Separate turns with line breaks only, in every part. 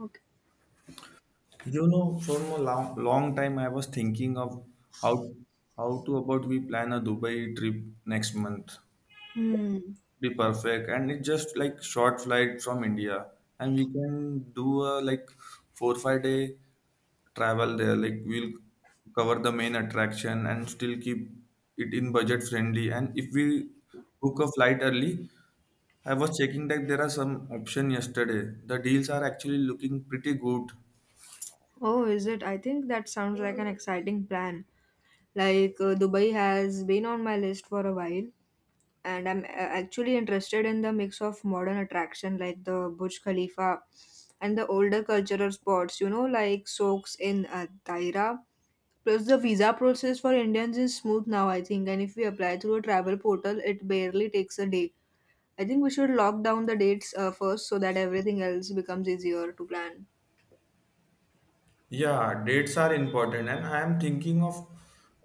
Okay.
For a long, long time I was thinking of how how to about we plan a Dubai trip next month.
Hmm.
Be perfect, and it's just like short flight from India, and we can do a like 4 5 day travel there. Like we'll cover the main attraction and still keep it in budget friendly. And if we book a flight early, I was checking that there are some option yesterday. The deals are actually looking pretty good.
Oh, is it? I think that sounds like an exciting plan. Like Dubai has been on my list for a while, and I'm actually interested in the mix of modern attraction like the Burj Khalifa and the older cultural spots. You know, like Soaks in Taira. Plus, the visa process for Indians is smooth now, I think. And if we apply through a travel portal, it barely takes a day. I think we should lock down the dates first so that everything else becomes easier to plan.
Yeah, dates are important, and I am thinking of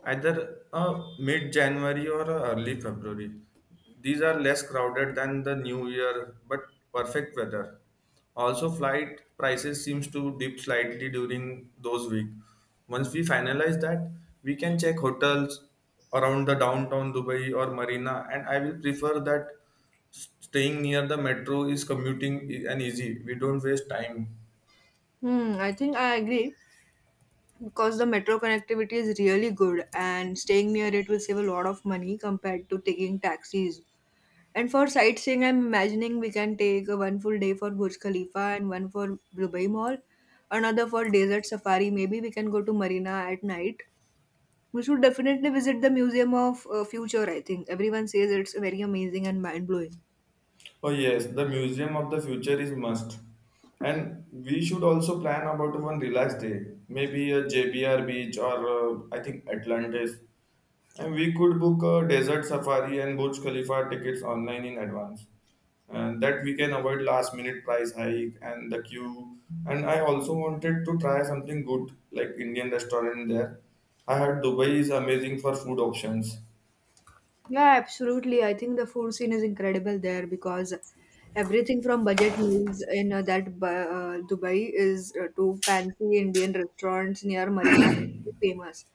either a mid-January or a early February. These are less crowded than the New Year, but perfect weather. Also, flight prices seems to dip slightly during those week. Once we finalize that, we can check hotels around the downtown Dubai or Marina, and I will prefer that staying near the metro is commuting and easy. We don't waste time.
Hmm, I think I agree because the metro connectivity is really good and staying near it will save a lot of money compared to taking taxis. And for sightseeing, I'm imagining we can take a one full day for Burj Khalifa and one for Dubai Mall, another for desert safari. Maybe we can go to Marina at night. We should definitely visit the Museum of Future, I think. Everyone says it's very amazing and mind blowing.
Oh yes, the museum of the future is must. And we should also plan about one relaxed day, maybe a JBR beach or I think Atlantis. And we could book a desert safari and Burj Khalifa tickets online in advance. And that we can avoid last minute price hike and the queue. And I also wanted to try something good like Indian restaurant there. I heard Dubai is amazing for food options.
Yeah, absolutely. I think the food scene is incredible there because everything from budget meals in Dubai is to fancy Indian restaurants near Marina is famous.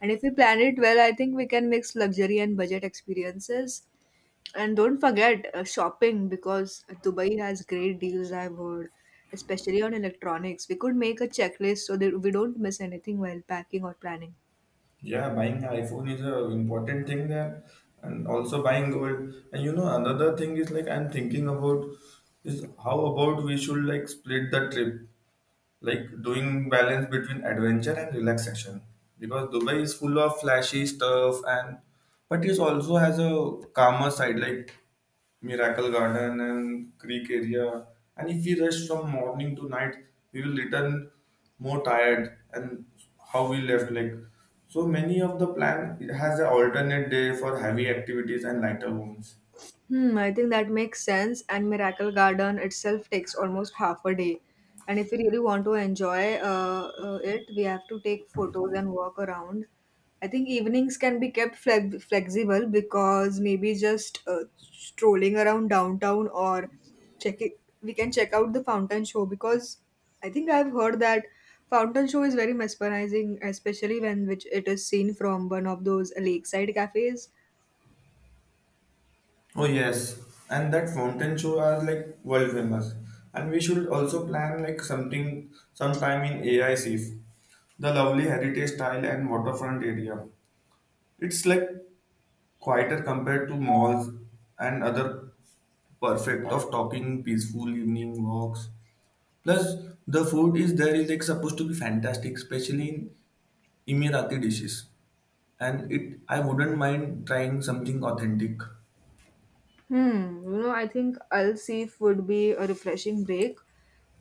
And if we plan it well, I think we can mix luxury and budget experiences. And don't forget shopping because Dubai has great deals, I've heard, especially on electronics. We could make a checklist so that we don't miss anything while packing or planning.
Yeah, buying iPhone is a important thing there, and also buying gold. And you know, another thing is like I'm thinking about is how about we should like split the trip like doing balance between adventure and relaxation because Dubai is full of flashy stuff and but it also has a calmer side like miracle garden and creek area, and if we rush from morning to night we will return more tired and how we left like so many of the plan it has an alternate day for heavy activities and lighter ones.
Hmm, I think that makes sense. And Miracle Garden itself takes almost half a day. And if we really want to enjoy it, we have to take photos and walk around. I think evenings can be kept flexible because maybe just strolling around downtown or checking, we can check out the fountain show because I think I've heard that fountain show is very mesmerizing, especially when which it is seen from one of those lakeside cafes.
Oh yes, and that fountain show are like world famous, and we should also plan like something sometime in AICF, the lovely heritage style and waterfront area. It's like quieter compared to malls and other perfect of talking peaceful evening walks. Plus, the food is there is like supposed to be fantastic, especially in Emirati dishes, and it I wouldn't mind trying something authentic.
Hmm, you know, I think Al Seef would be a refreshing break.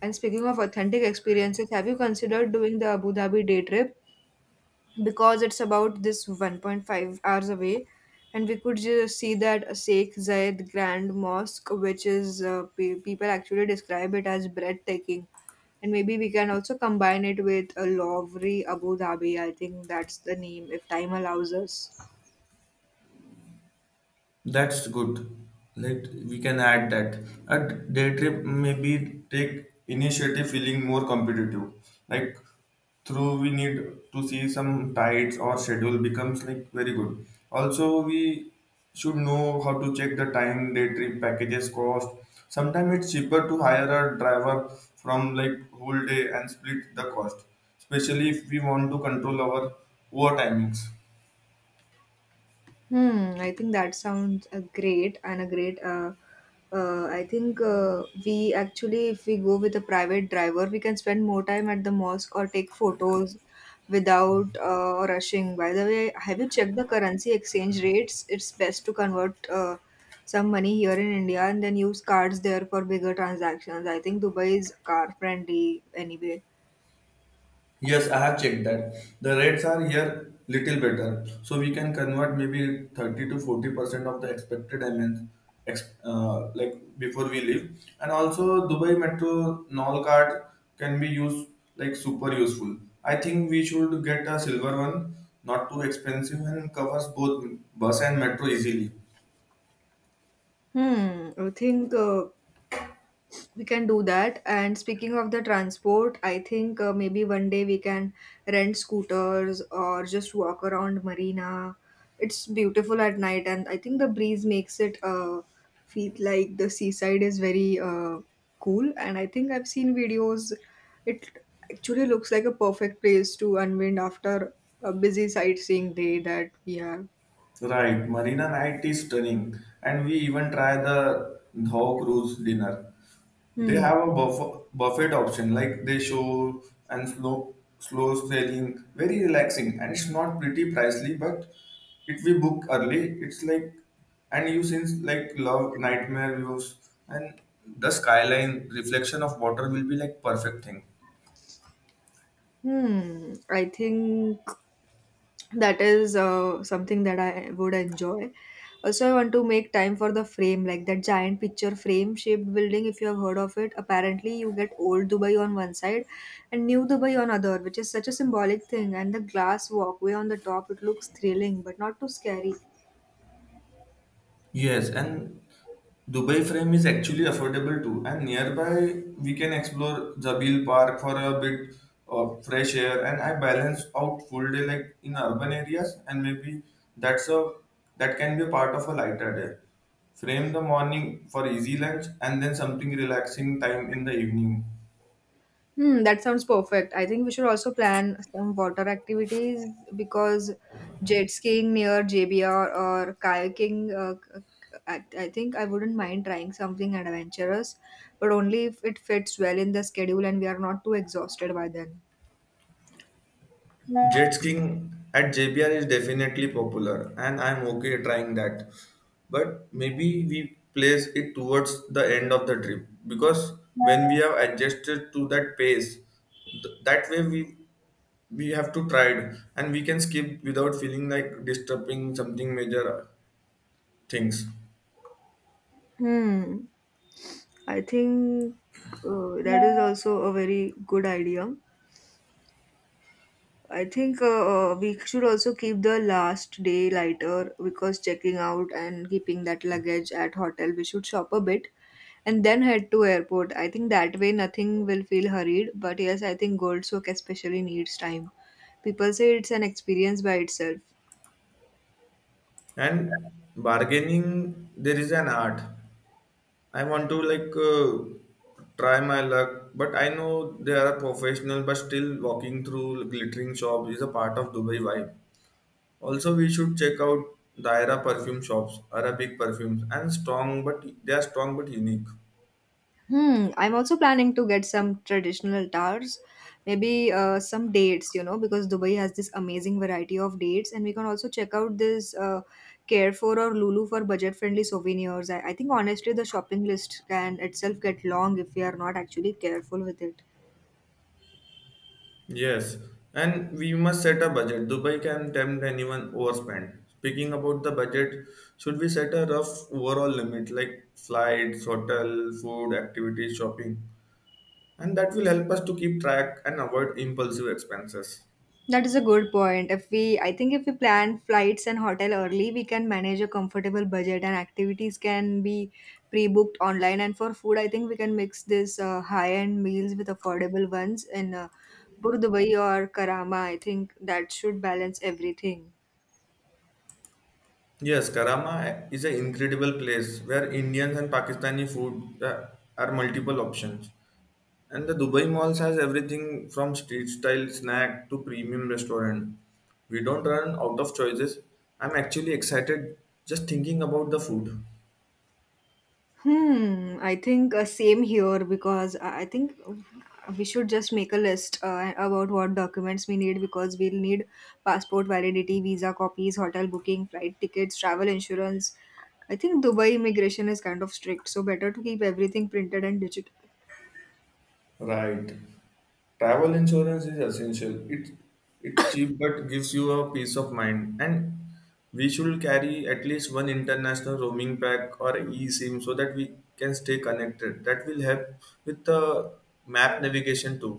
And speaking of authentic experiences, have you considered doing the Abu Dhabi day trip? Because it's about this 1.5 hours away, and we could just see that Sheikh Zayed Grand Mosque, which is people actually describe it as breathtaking. And maybe we can also combine it with a Lowry Abu Dhabi. I think that's the name if time allows us.
That's good. Let we can add that. At day trip, maybe take initiative feeling more competitive. Like through we need to see some tides or schedule becomes like very good. Also we should know how to check the time, day trip packages cost. Sometimes it's cheaper to hire a driver from like whole day and split the cost. Especially if we want to control our over timings.
Hmm, I think that sounds a great and a great. I think we actually, if we go with a private driver, we can spend more time at the mosque or take photos without rushing. By the way, have you checked the currency exchange rates? It's best to convert some money here in India and then use cards there for bigger transactions. I think Dubai is car friendly anyway.
Yes, I have checked that. The rates are here little better, so we can convert maybe 30 to 40% of the expected MNs like before we leave. And also Dubai Metro Nol card can be used like super useful. I think we should get a silver one, not too expensive and covers both bus and metro easily.
Hmm, I think we can do that. And speaking of the transport, I think maybe one day we can rent scooters or just walk around Marina. It's beautiful at night, and I think the breeze makes it feel like the seaside is very cool. And I think I've seen videos. It actually looks like a perfect place to unwind after a busy sightseeing day that we have.
Right, Marina Night is stunning, and we even try the Dhaw Cruise dinner. They
Hmm.
have a buffet option, like they show and slow selling, very relaxing, and it's not pretty pricely. But if we book early, it's like and you since like love nightmare views and the skyline reflection of water will be like perfect thing.
Hmm. I think that is something that I would enjoy. Also, I want to make time for the Frame, like that giant picture frame shaped building, if you have heard of it. Apparently, you get old Dubai on one side and new Dubai on other, which is such a symbolic thing, and the glass walkway on the top, it looks thrilling but not too scary.
Yes, and Dubai Frame is actually affordable too, and nearby we can explore Jabil Park for a bit of fresh air. And I balance out full day like in urban areas, and maybe that's a that can be a part of a lighter day. Frame the morning for easy lunch, and then something relaxing time in the evening.
Hmm, that sounds perfect. I think we should also plan some water activities because jet skiing near JBR or kayaking, I think I wouldn't mind trying something adventurous, but only if it fits well in the schedule and we are not too exhausted by then.
Jet skiing at JBR is definitely popular, and I'm okay trying that. But maybe we place it towards the end of the trip because when we have adjusted to that pace, that way we have to try it and we can skip without feeling like disturbing something major things.
Hmm, I think that is also a very good idea. I think we should also keep the last day lighter because checking out and keeping that luggage at hotel, we should shop a bit and then head to airport. I think that way nothing will feel hurried. But yes, I think Gold Soak especially needs time. People say it's an experience by itself.
And bargaining, there is an art. I want to like try my luck, but I know they are professional, but still walking through glittering shops is a part of Dubai vibe. Also, we should check out Daira perfume shops, Arabic perfumes, and strong, but they are strong but unique.
Hmm, I'm also planning to get some traditional tars, maybe some dates, you know, because Dubai has this amazing variety of dates, and we can also check out this Carefor or Lulu for budget-friendly souvenirs. I think honestly, the shopping list can itself get long if we are not actually careful with it.
Yes, and we must set a budget. Dubai can tempt anyone overspend. Speaking about the budget, should we set a rough overall limit like flights, hotel, food, activities, shopping? And that will help us to keep track and avoid impulsive expenses.
That is a good point. If we, I think if we plan flights and hotel early, we can manage a comfortable budget and activities can be pre-booked online. And for food, I think we can mix this high-end meals with affordable ones in Bur Dubai or Karama. I think that should balance everything.
Yes, Karama is an incredible place where Indian and Pakistani food are multiple options. And the Dubai malls has everything from street style snack to premium restaurant. We don't run out of choices. I'm actually excited just thinking about the food.
Hmm, I think same here because I think we should just make a list about what documents we need because we'll need passport validity, visa copies, hotel booking, flight tickets, travel insurance. I think Dubai immigration is kind of strict, so better to keep everything printed and digital.
Right. Travel insurance is essential. It's cheap but gives you a peace of mind. And we should carry at least one international roaming pack or eSIM so that we can stay connected. That will help with the map navigation too.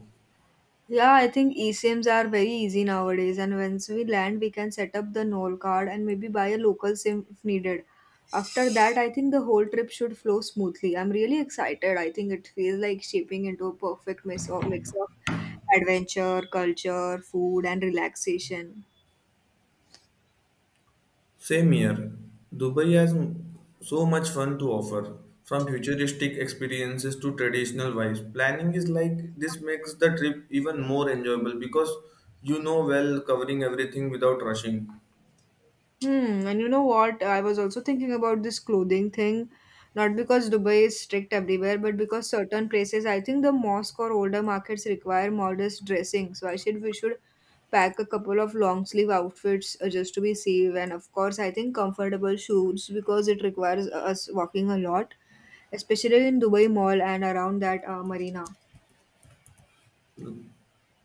Yeah, I think eSIMs are very easy nowadays, and once we land, we can set up the NOL card and maybe buy a local SIM if needed. After that, I think the whole trip should flow smoothly. I'm really excited. I think it feels like shaping into a perfect mix of adventure, culture, food, and relaxation.
Same here, Dubai has so much fun to offer, from futuristic experiences to traditional vibes. Planning is like this makes the trip even more enjoyable because you know well covering everything without rushing.
Hmm, and you know what? I was also thinking about this clothing thing, not because Dubai is strict everywhere, but because certain places, I think the mosque or older markets require modest dressing. So I should we should pack a couple of long sleeve outfits just to be safe, and of course, I think comfortable shoes because it requires us walking a lot, especially in Dubai Mall and around that marina.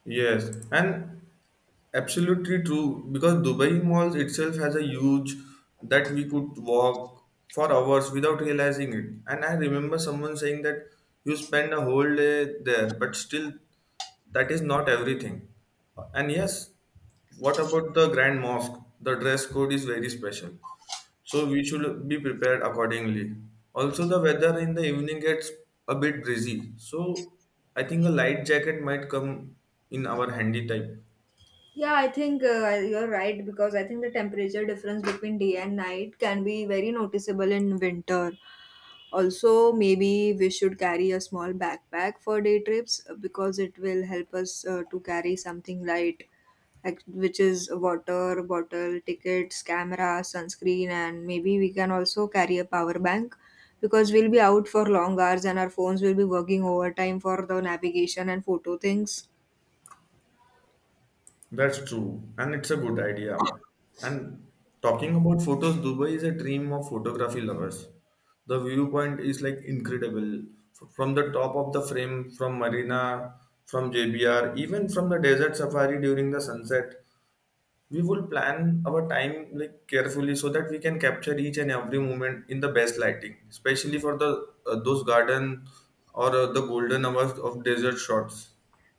Yes, and absolutely true because Dubai malls itself has a huge that we could walk for hours without realizing it. And I remember someone saying that you spend a whole day there, but still that is not everything. And yes, what about the Grand Mosque? The dress code is very special so we should be prepared accordingly. Also, the weather in the evening gets a bit breezy, so I think a light jacket might come in our handy type.
Yeah, I think you're right because I think the temperature difference between day and night can be very noticeable in winter. Also, maybe we should carry a small backpack for day trips because it will help us to carry something light, like- which is water, bottle, tickets, camera, sunscreen, and maybe we can also carry a power bank because we'll be out for long hours and our phones will be working overtime for the navigation and photo things.
That's true, and it's a good idea. And talking about photos, Dubai is a dream of photography lovers. The viewpoint is like incredible from the top of the frame, from marina, from JBR, even from the desert safari during the sunset. We will plan our time like carefully so that we can capture each and every moment in the best lighting especially for the those garden or the golden hours of desert shots.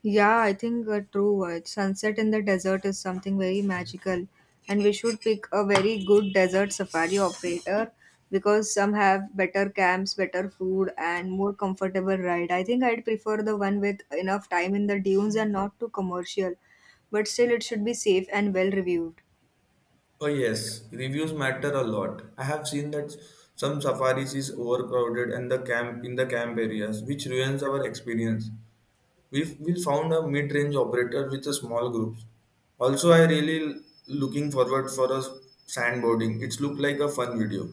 Yeah, I think a true word. Sunset in the desert is something very magical, and we should pick a very good desert safari operator because some have better camps, better food, and more comfortable ride. I think I'd prefer the one with enough time in the dunes and not too commercial, but still it should be safe and well reviewed.
Oh yes, reviews matter a lot. I have seen that some safaris is overcrowded and the camp in the camp areas, which ruins our experience. We found a mid-range operator with a small group. Also, I really looking forward for a sandboarding. It's look like a fun video.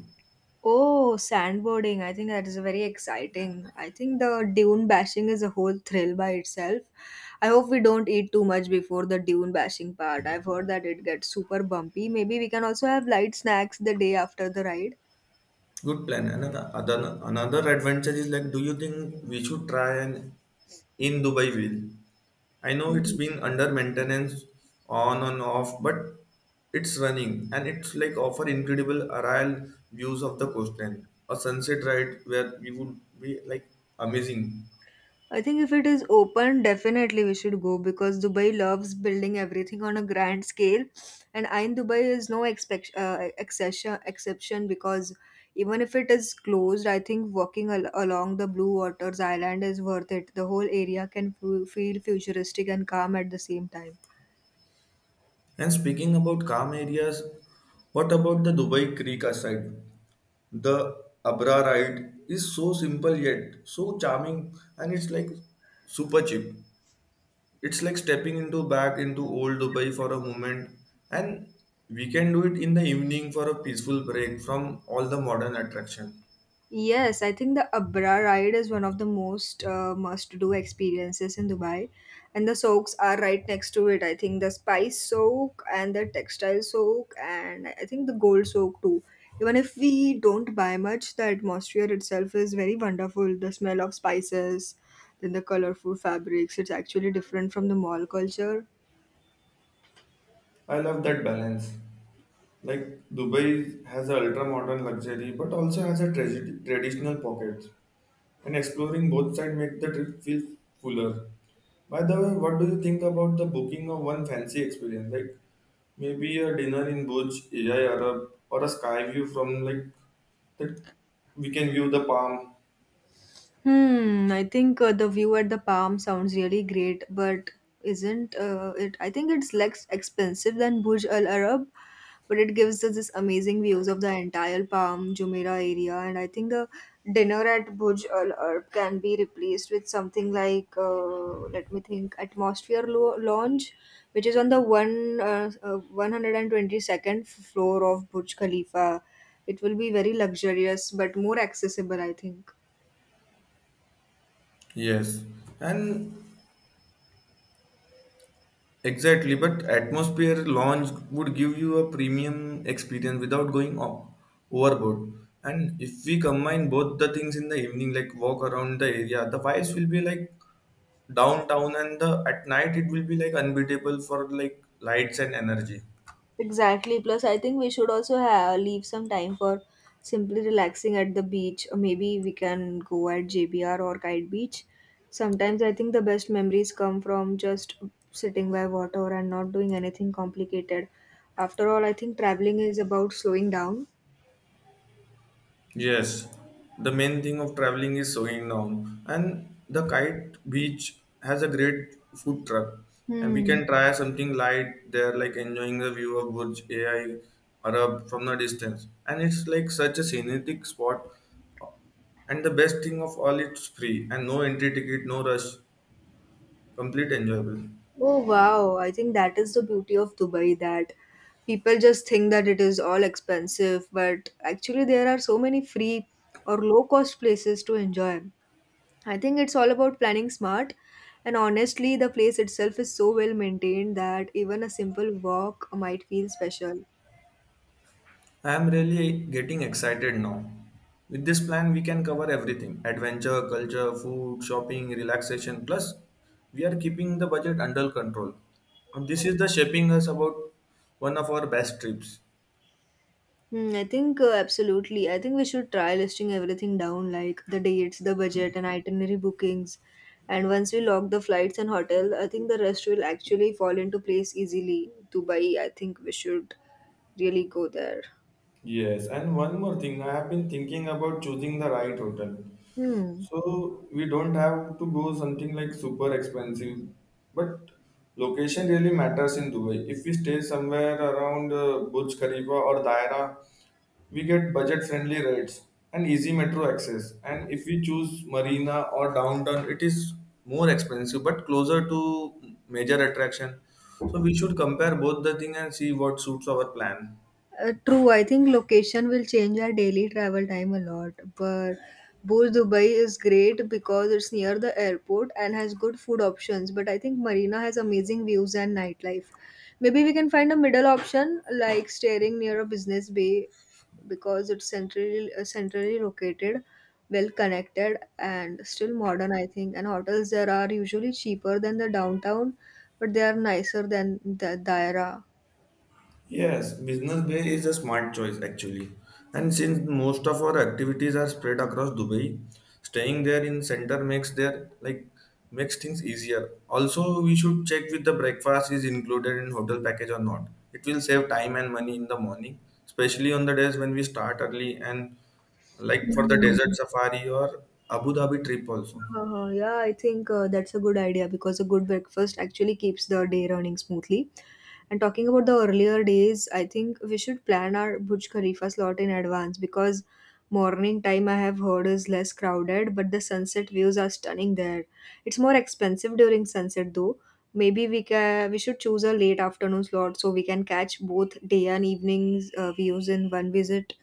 Oh, sandboarding. I think that is very exciting. I think the dune bashing is a whole thrill by itself. I hope we don't eat too much before the dune bashing part. I've heard that it gets super bumpy. Maybe we can also have light snacks the day after the ride.
Good plan. Another advantage is like, do you think we should try an in Dubai wheel? I know it's been under maintenance, on and off, but it's running and it's like offer incredible aerial views of the coastline. A sunset ride where we would be like amazing.
I think if it is open, definitely we should go because Dubai loves building everything on a grand scale, and Ain Dubai is no exception. Exception because even if it is closed, I think walking along the Blue Waters Island is worth it. The whole area can feel futuristic and calm at the same time.
And speaking about calm areas, what about the Dubai Creek aside? The Abra ride is so simple yet so charming, and it's like super cheap. It's like stepping into back into old Dubai for a moment, and we can do it in the evening for a peaceful break from all the modern attraction.
Yes, I think the Abra ride is one of the most must-do experiences in Dubai, and the soaks are right next to it. I think the spice soak and the textile soak, and I think the gold soak too. Even if we don't buy much, the atmosphere itself is very wonderful. The smell of spices, then the colorful fabrics. It's actually different from the mall culture.
I love that balance. Like Dubai has a ultra modern luxury, but also has a tragedy, traditional pockets, and exploring both sides make the trip feel fuller. By the way, what do you think about the booking of one fancy experience? Like maybe a dinner in Burj Al Arab or a sky view from like the we can view the palm.
Hmm, I think the view at the Palm sounds really great, but isn't it? I think it's less expensive than Burj Al Arab, but it gives us this amazing views of the entire Palm Jumeirah area. And I think the dinner at Burj Al Arab can be replaced with something like, let me think, Atmosphere Lounge, which is on the one 122nd floor of Burj Khalifa. It will be very luxurious, but more accessible, I think.
Yes, and exactly. But atmosphere launch would give you a premium experience without going overboard. And if we combine both the things in the evening, like walk around the area, the vibes will be like downtown, and the at night it will be like unbeatable for like lights and energy.
Exactly. Plus, I think we should also have, leave some time for simply relaxing at the beach. Or maybe we can go at JBR or Kite Beach. Sometimes I think the best memories come from just sitting by water and not doing anything complicated. After all, I think traveling is about slowing down.
Yes, the main thing of traveling is sewing now, and the kite beach has a great food truck, and we
Hmm.
can try something light there, like enjoying the view of Burj AI Arab from the distance, and it's like such a scenic spot. And the best thing of all, it's free and no entry ticket, no rush, complete enjoyable.
Oh, wow. I think that is the beauty of Dubai that people just think that it is all expensive, but actually, there are so many free or low cost places to enjoy. I think it's all about planning smart, and honestly, the place itself is so well maintained that even a simple walk might feel special.
I am really getting excited now. With this plan, we can cover everything adventure, culture, food, shopping, relaxation. Plus, we are keeping the budget under control. And this is the shaping us about one of our best trips.
Hmm, I think absolutely. I think we should try listing everything down like the dates, the budget, and itinerary bookings. And once we lock the flights and hotel, I think the rest will actually fall into place easily. Dubai, I think we should really go there.
Yes, and one more thing, I have been thinking about choosing the right hotel.
Hmm.
So we don't have to go something like super expensive, but location really matters in Dubai. If we stay somewhere around Burj Khalifa or Daira, we get budget friendly rates and easy metro access and if we choose marina or downtown it is more expensive but closer to major attraction so we should compare both the thing and see what suits our plan.
True, I think location will change our daily travel time a lot, but Burj Dubai is great because it's near the airport and has good food options. But I think Marina has amazing views and nightlife. Maybe we can find a middle option like staying near a business bay because it's centrally located, well connected, and still modern. I think and hotels there are usually cheaper than the downtown, but they are nicer than the Daira.
Yes, Business Bay is a smart choice actually. And since most of our activities are spread across Dubai, staying there in center makes their like makes things easier. Also, we should check with the breakfast is included in hotel package or not. It will save time and money in the morning, especially on the days when we start early and like for the desert
Mhm.
safari or Abu Dhabi trip also.
Yeah, I think that's a good idea because a good breakfast actually keeps the day running smoothly. And talking about the earlier days, I think we should plan our Burj Khalifa slot in advance because morning time I have heard is less crowded, but the sunset views are stunning there. It's more expensive during sunset though. Maybe we should choose a late afternoon slot so we can catch both day and evening's views in one visit.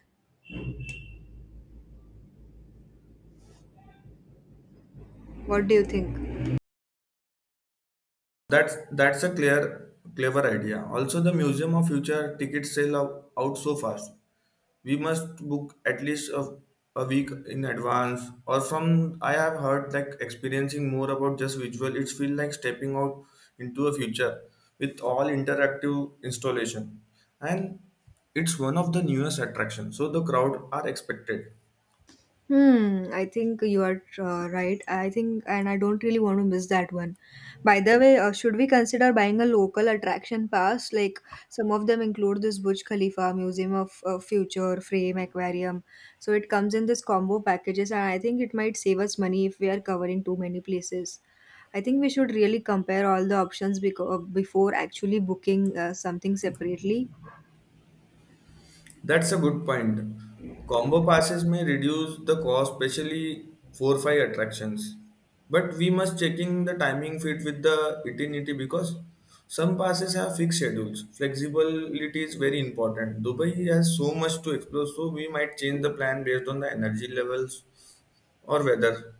What do you think?
That's a clear clever idea. Also, the Museum of Future tickets sell out so fast. We must book at least a week in advance or from I have heard like experiencing more about just visual. It feels like stepping out into a future with all interactive installation, and it's one of the newest attractions, so the crowd are expected.
Hmm, I think you are right. I think, and I don't really want to miss that one. By the way, should we consider buying a local attraction pass? Like some of them include this Burj Khalifa, Museum of Future, Frame, Aquarium. So it comes in this combo packages, and I think it might save us money if we are covering too many places. I think we should really compare all the options before actually booking something separately.
That's a good point. Combo passes may reduce the cost, especially 4-5 attractions. But we must checking the timing fit with the itinerary because some passes have fixed schedules. Flexibility is very important. Dubai has so much to explore, so we might change the plan based on the energy levels or weather.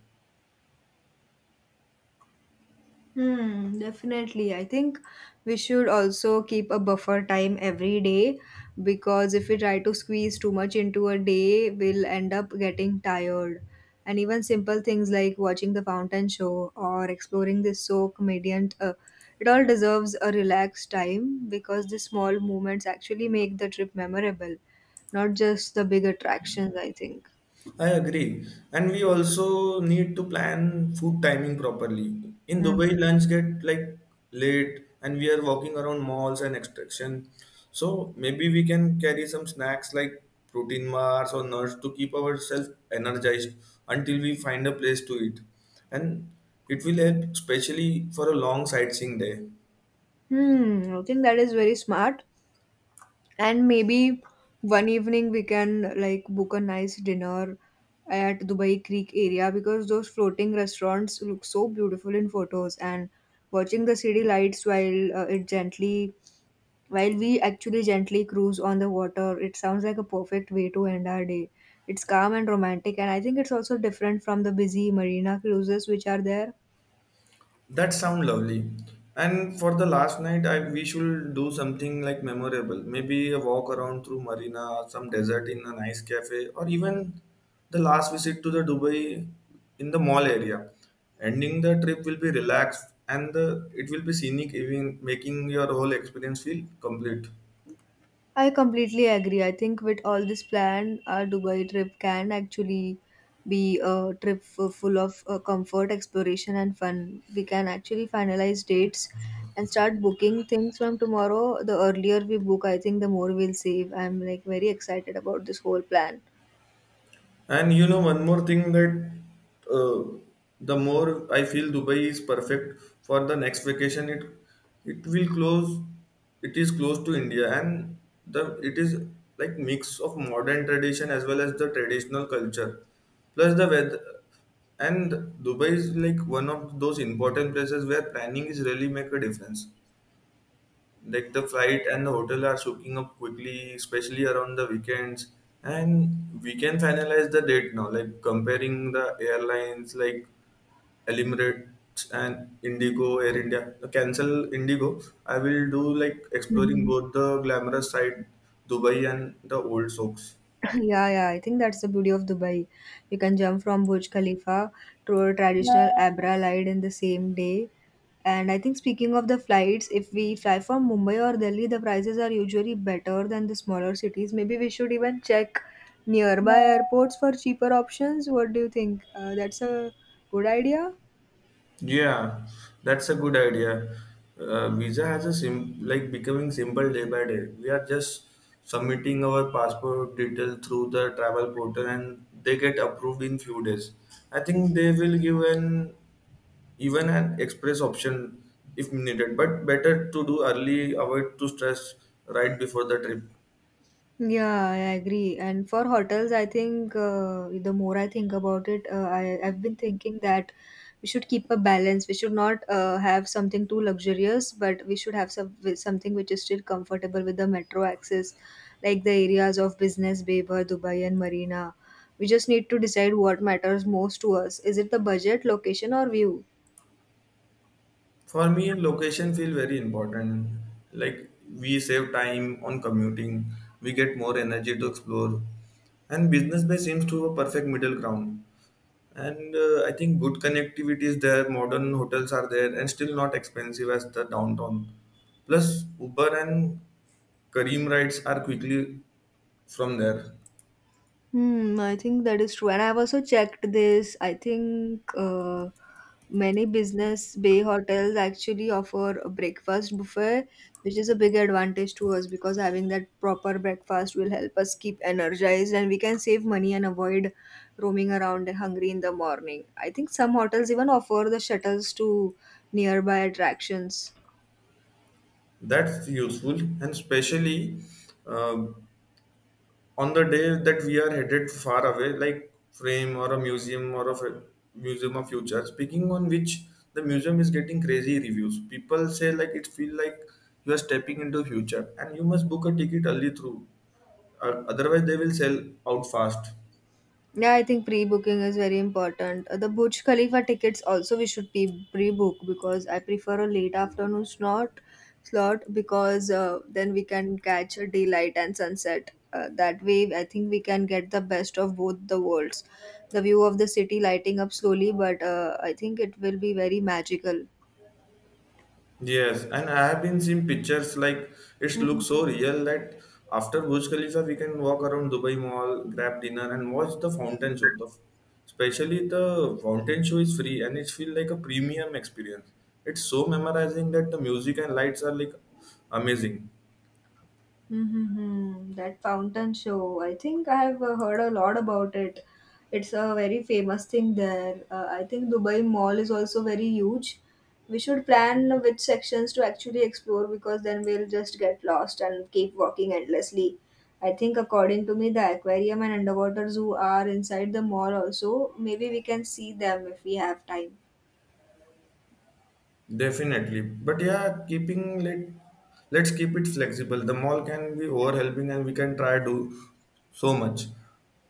Hmm, definitely. I think we should also keep a buffer time every day because if we try to squeeze too much into a day, we'll end up getting tired. And even simple things like watching the fountain show or exploring this so comedian, it all deserves a relaxed time because the small moments actually make the trip memorable, not just the big attractions, I think.
I agree. And we also need to plan food timing properly. In
Hmm.
Dubai, lunch get like late and we are walking around malls and extraction. So maybe we can carry some snacks like protein bars or nuts to keep ourselves energized until we find a place to eat. And it will help especially for a long sightseeing day.
Hmm, I think that is very smart. And maybe one evening we can like book a nice dinner at dubai creek area because those floating restaurants look so beautiful in photos and watching the city lights while we actually gently cruise on the water. It sounds like a perfect way to end our day. It's calm and romantic, and I think it's also different from the busy marina cruises which are there.
That sound lovely. And for the last night, I we should do something like memorable. Maybe a walk around through marina, some desert in a nice cafe, or even the last visit to the Dubai in the mall area. Ending the trip will be relaxed and it will be scenic, even making your whole experience feel complete.
I completely agree. I think with all this plan, our Dubai trip can actually be a trip full of comfort, exploration, and fun. We can actually finalize dates and start booking things from tomorrow. The earlier we book, I think the more we'll save. I'm like very excited about this whole plan.
And you know, one more thing that uh, the more I feel Dubai is perfect for the next vacation, it will close. It is close to India, and the it is like mix of modern tradition as well as the traditional culture, plus the weather. And Dubai is like one of those important places where planning is really make a difference like the flight and the hotel are soaking up quickly, especially around the weekends. And we can finalize the date now, like comparing the airlines like Emirates and Indigo, Air India. Cancel Indigo. I will do like exploring
Mhm.
both the glamorous side, Dubai, and the old soaks.
Yeah, yeah, I think that's the beauty of Dubai. You can jump from Burj Khalifa to a traditional Abra ride in the same day. And I think speaking of the flights, if we fly from Mumbai or Delhi, the prices are usually better than the smaller cities. Maybe we should even check nearby airports for cheaper options. What do you think? That's a good idea.
Yeah, that's a good idea. Visa has a sim like becoming simple day by day. We are just submitting our passport detail through the travel portal and they get approved in few days. I think they will give an even an express option if needed, but better to do early, avoid to stress right before the trip.
Yeah, I agree. And for hotels, I think the more I think about it, I've been thinking that we should keep a balance. We should not have something too luxurious, but we should have some with something which is still comfortable with the metro access, like the areas of Business Bay, Bar, Dubai, and Marina. We just need to decide what matters most to us. Is it the budget, location, or view?
For me, location feel very important. Like we save time on commuting, we get more energy to explore, and business bay seems to a perfect middle ground. And I think good connectivity is there. Modern hotels are there, and still not expensive as the downtown. Plus, Uber and Kareem rides are quickly from there.
Hmm, I think that is true. And I've also checked this. I think many business bay hotels actually offer a breakfast buffet, which is a big advantage to us because having that proper breakfast will help us keep energized and we can save money and avoid roaming around hungry in the morning. I think some hotels even offer the shuttles to nearby attractions.
That's useful, and especially uh, on the day that we are headed far away, like frame or a museum or a museum of future, speaking on which the museum is getting crazy reviews. People say like it feel like you are stepping into future and you must book a ticket early through. Otherwise they will sell out fast.
Yeah, I think pre-booking is very important. The Burj Khalifa tickets also we should pre-book because I prefer a late afternoon slot because then we can catch a daylight and sunset. That way, I think we can get the best of both the worlds. The view of the city lighting up slowly, but I think it will be very magical.
Yes, and I have been seeing pictures like it looks so real that after Burj Khalifa we can walk around Dubai Mall, grab dinner, and watch the fountain show. Especially the fountain show is free and it feels like a premium experience. It's so memorizing that the music and lights are like amazing.
Mm-hmm. That fountain show. I think I have heard a lot about it. It's a very famous thing there. I think Dubai Mall is also very huge. We should plan which sections to actually explore because then we'll just get lost and keep walking endlessly. I think, according to me, the aquarium and underwater zoo are inside the mall also. Maybe we can see them if we have time.
Definitely. But yeah, keeping like let's keep it flexible. The mall can be overhelping and we can try do so much.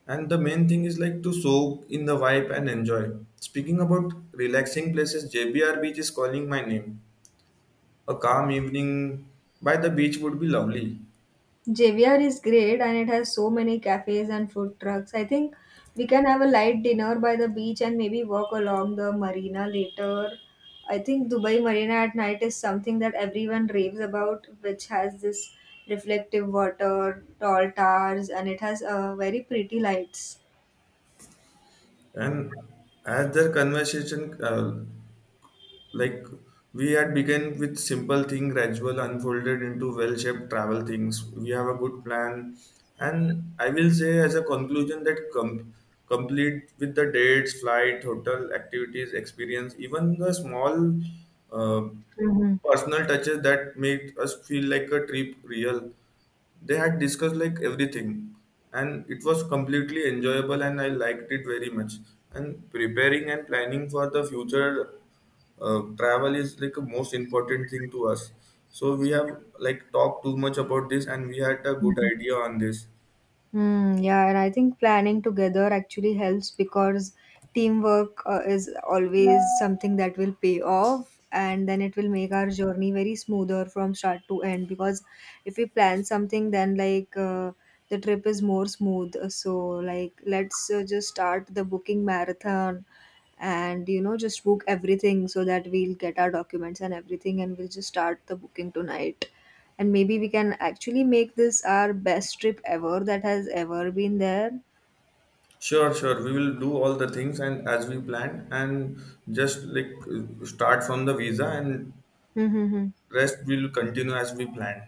And the main thing is like to soak in the vibe and enjoy. Speaking about relaxing places, JBR Beach is calling my name. A calm evening by the beach would be lovely.
JVR is great and it has so many cafes and food trucks. I think we can have a light dinner by the beach and maybe walk along the marina later. I think Dubai Marina at night is something that everyone raves about, which has this reflective water, tall towers, and it has very pretty lights.
And as their conversation like we had begun with simple thing gradual unfolded into well-shaped travel things. We have a good plan, and I will say as a conclusion that complete with the dates, flight, hotel, activities, experience, even the small uh,
Mhm.
personal touches that make us feel like a trip real. They had discussed like everything, and it was completely enjoyable, and I liked it very much. And preparing and planning for the future travel is like a most important thing to us. So we have like talked too much about this, and we had a good idea on this.
Hmm. Yeah, and I think planning together actually helps because teamwork is always something that will pay off, and then it will make our journey very smoother from start to end. Because if we plan something, then the trip is more smooth. So like let's just start the booking marathon, and you know just book everything so that we'll get our documents and everything, and we'll just start the booking tonight and maybe we can actually make this our best trip ever that has ever been there.
Sure, sure. We will do all the things and as we planned, and just like start from the visa, and
Mm-hmm.
rest will continue as we planned.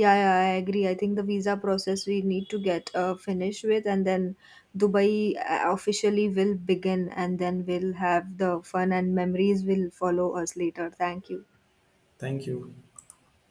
Yeah, yeah, I agree. I think the visa process we need to get finished with, and then Dubai officially will begin, and then we'll have the fun and memories will follow us later. Thank you.
Thank you.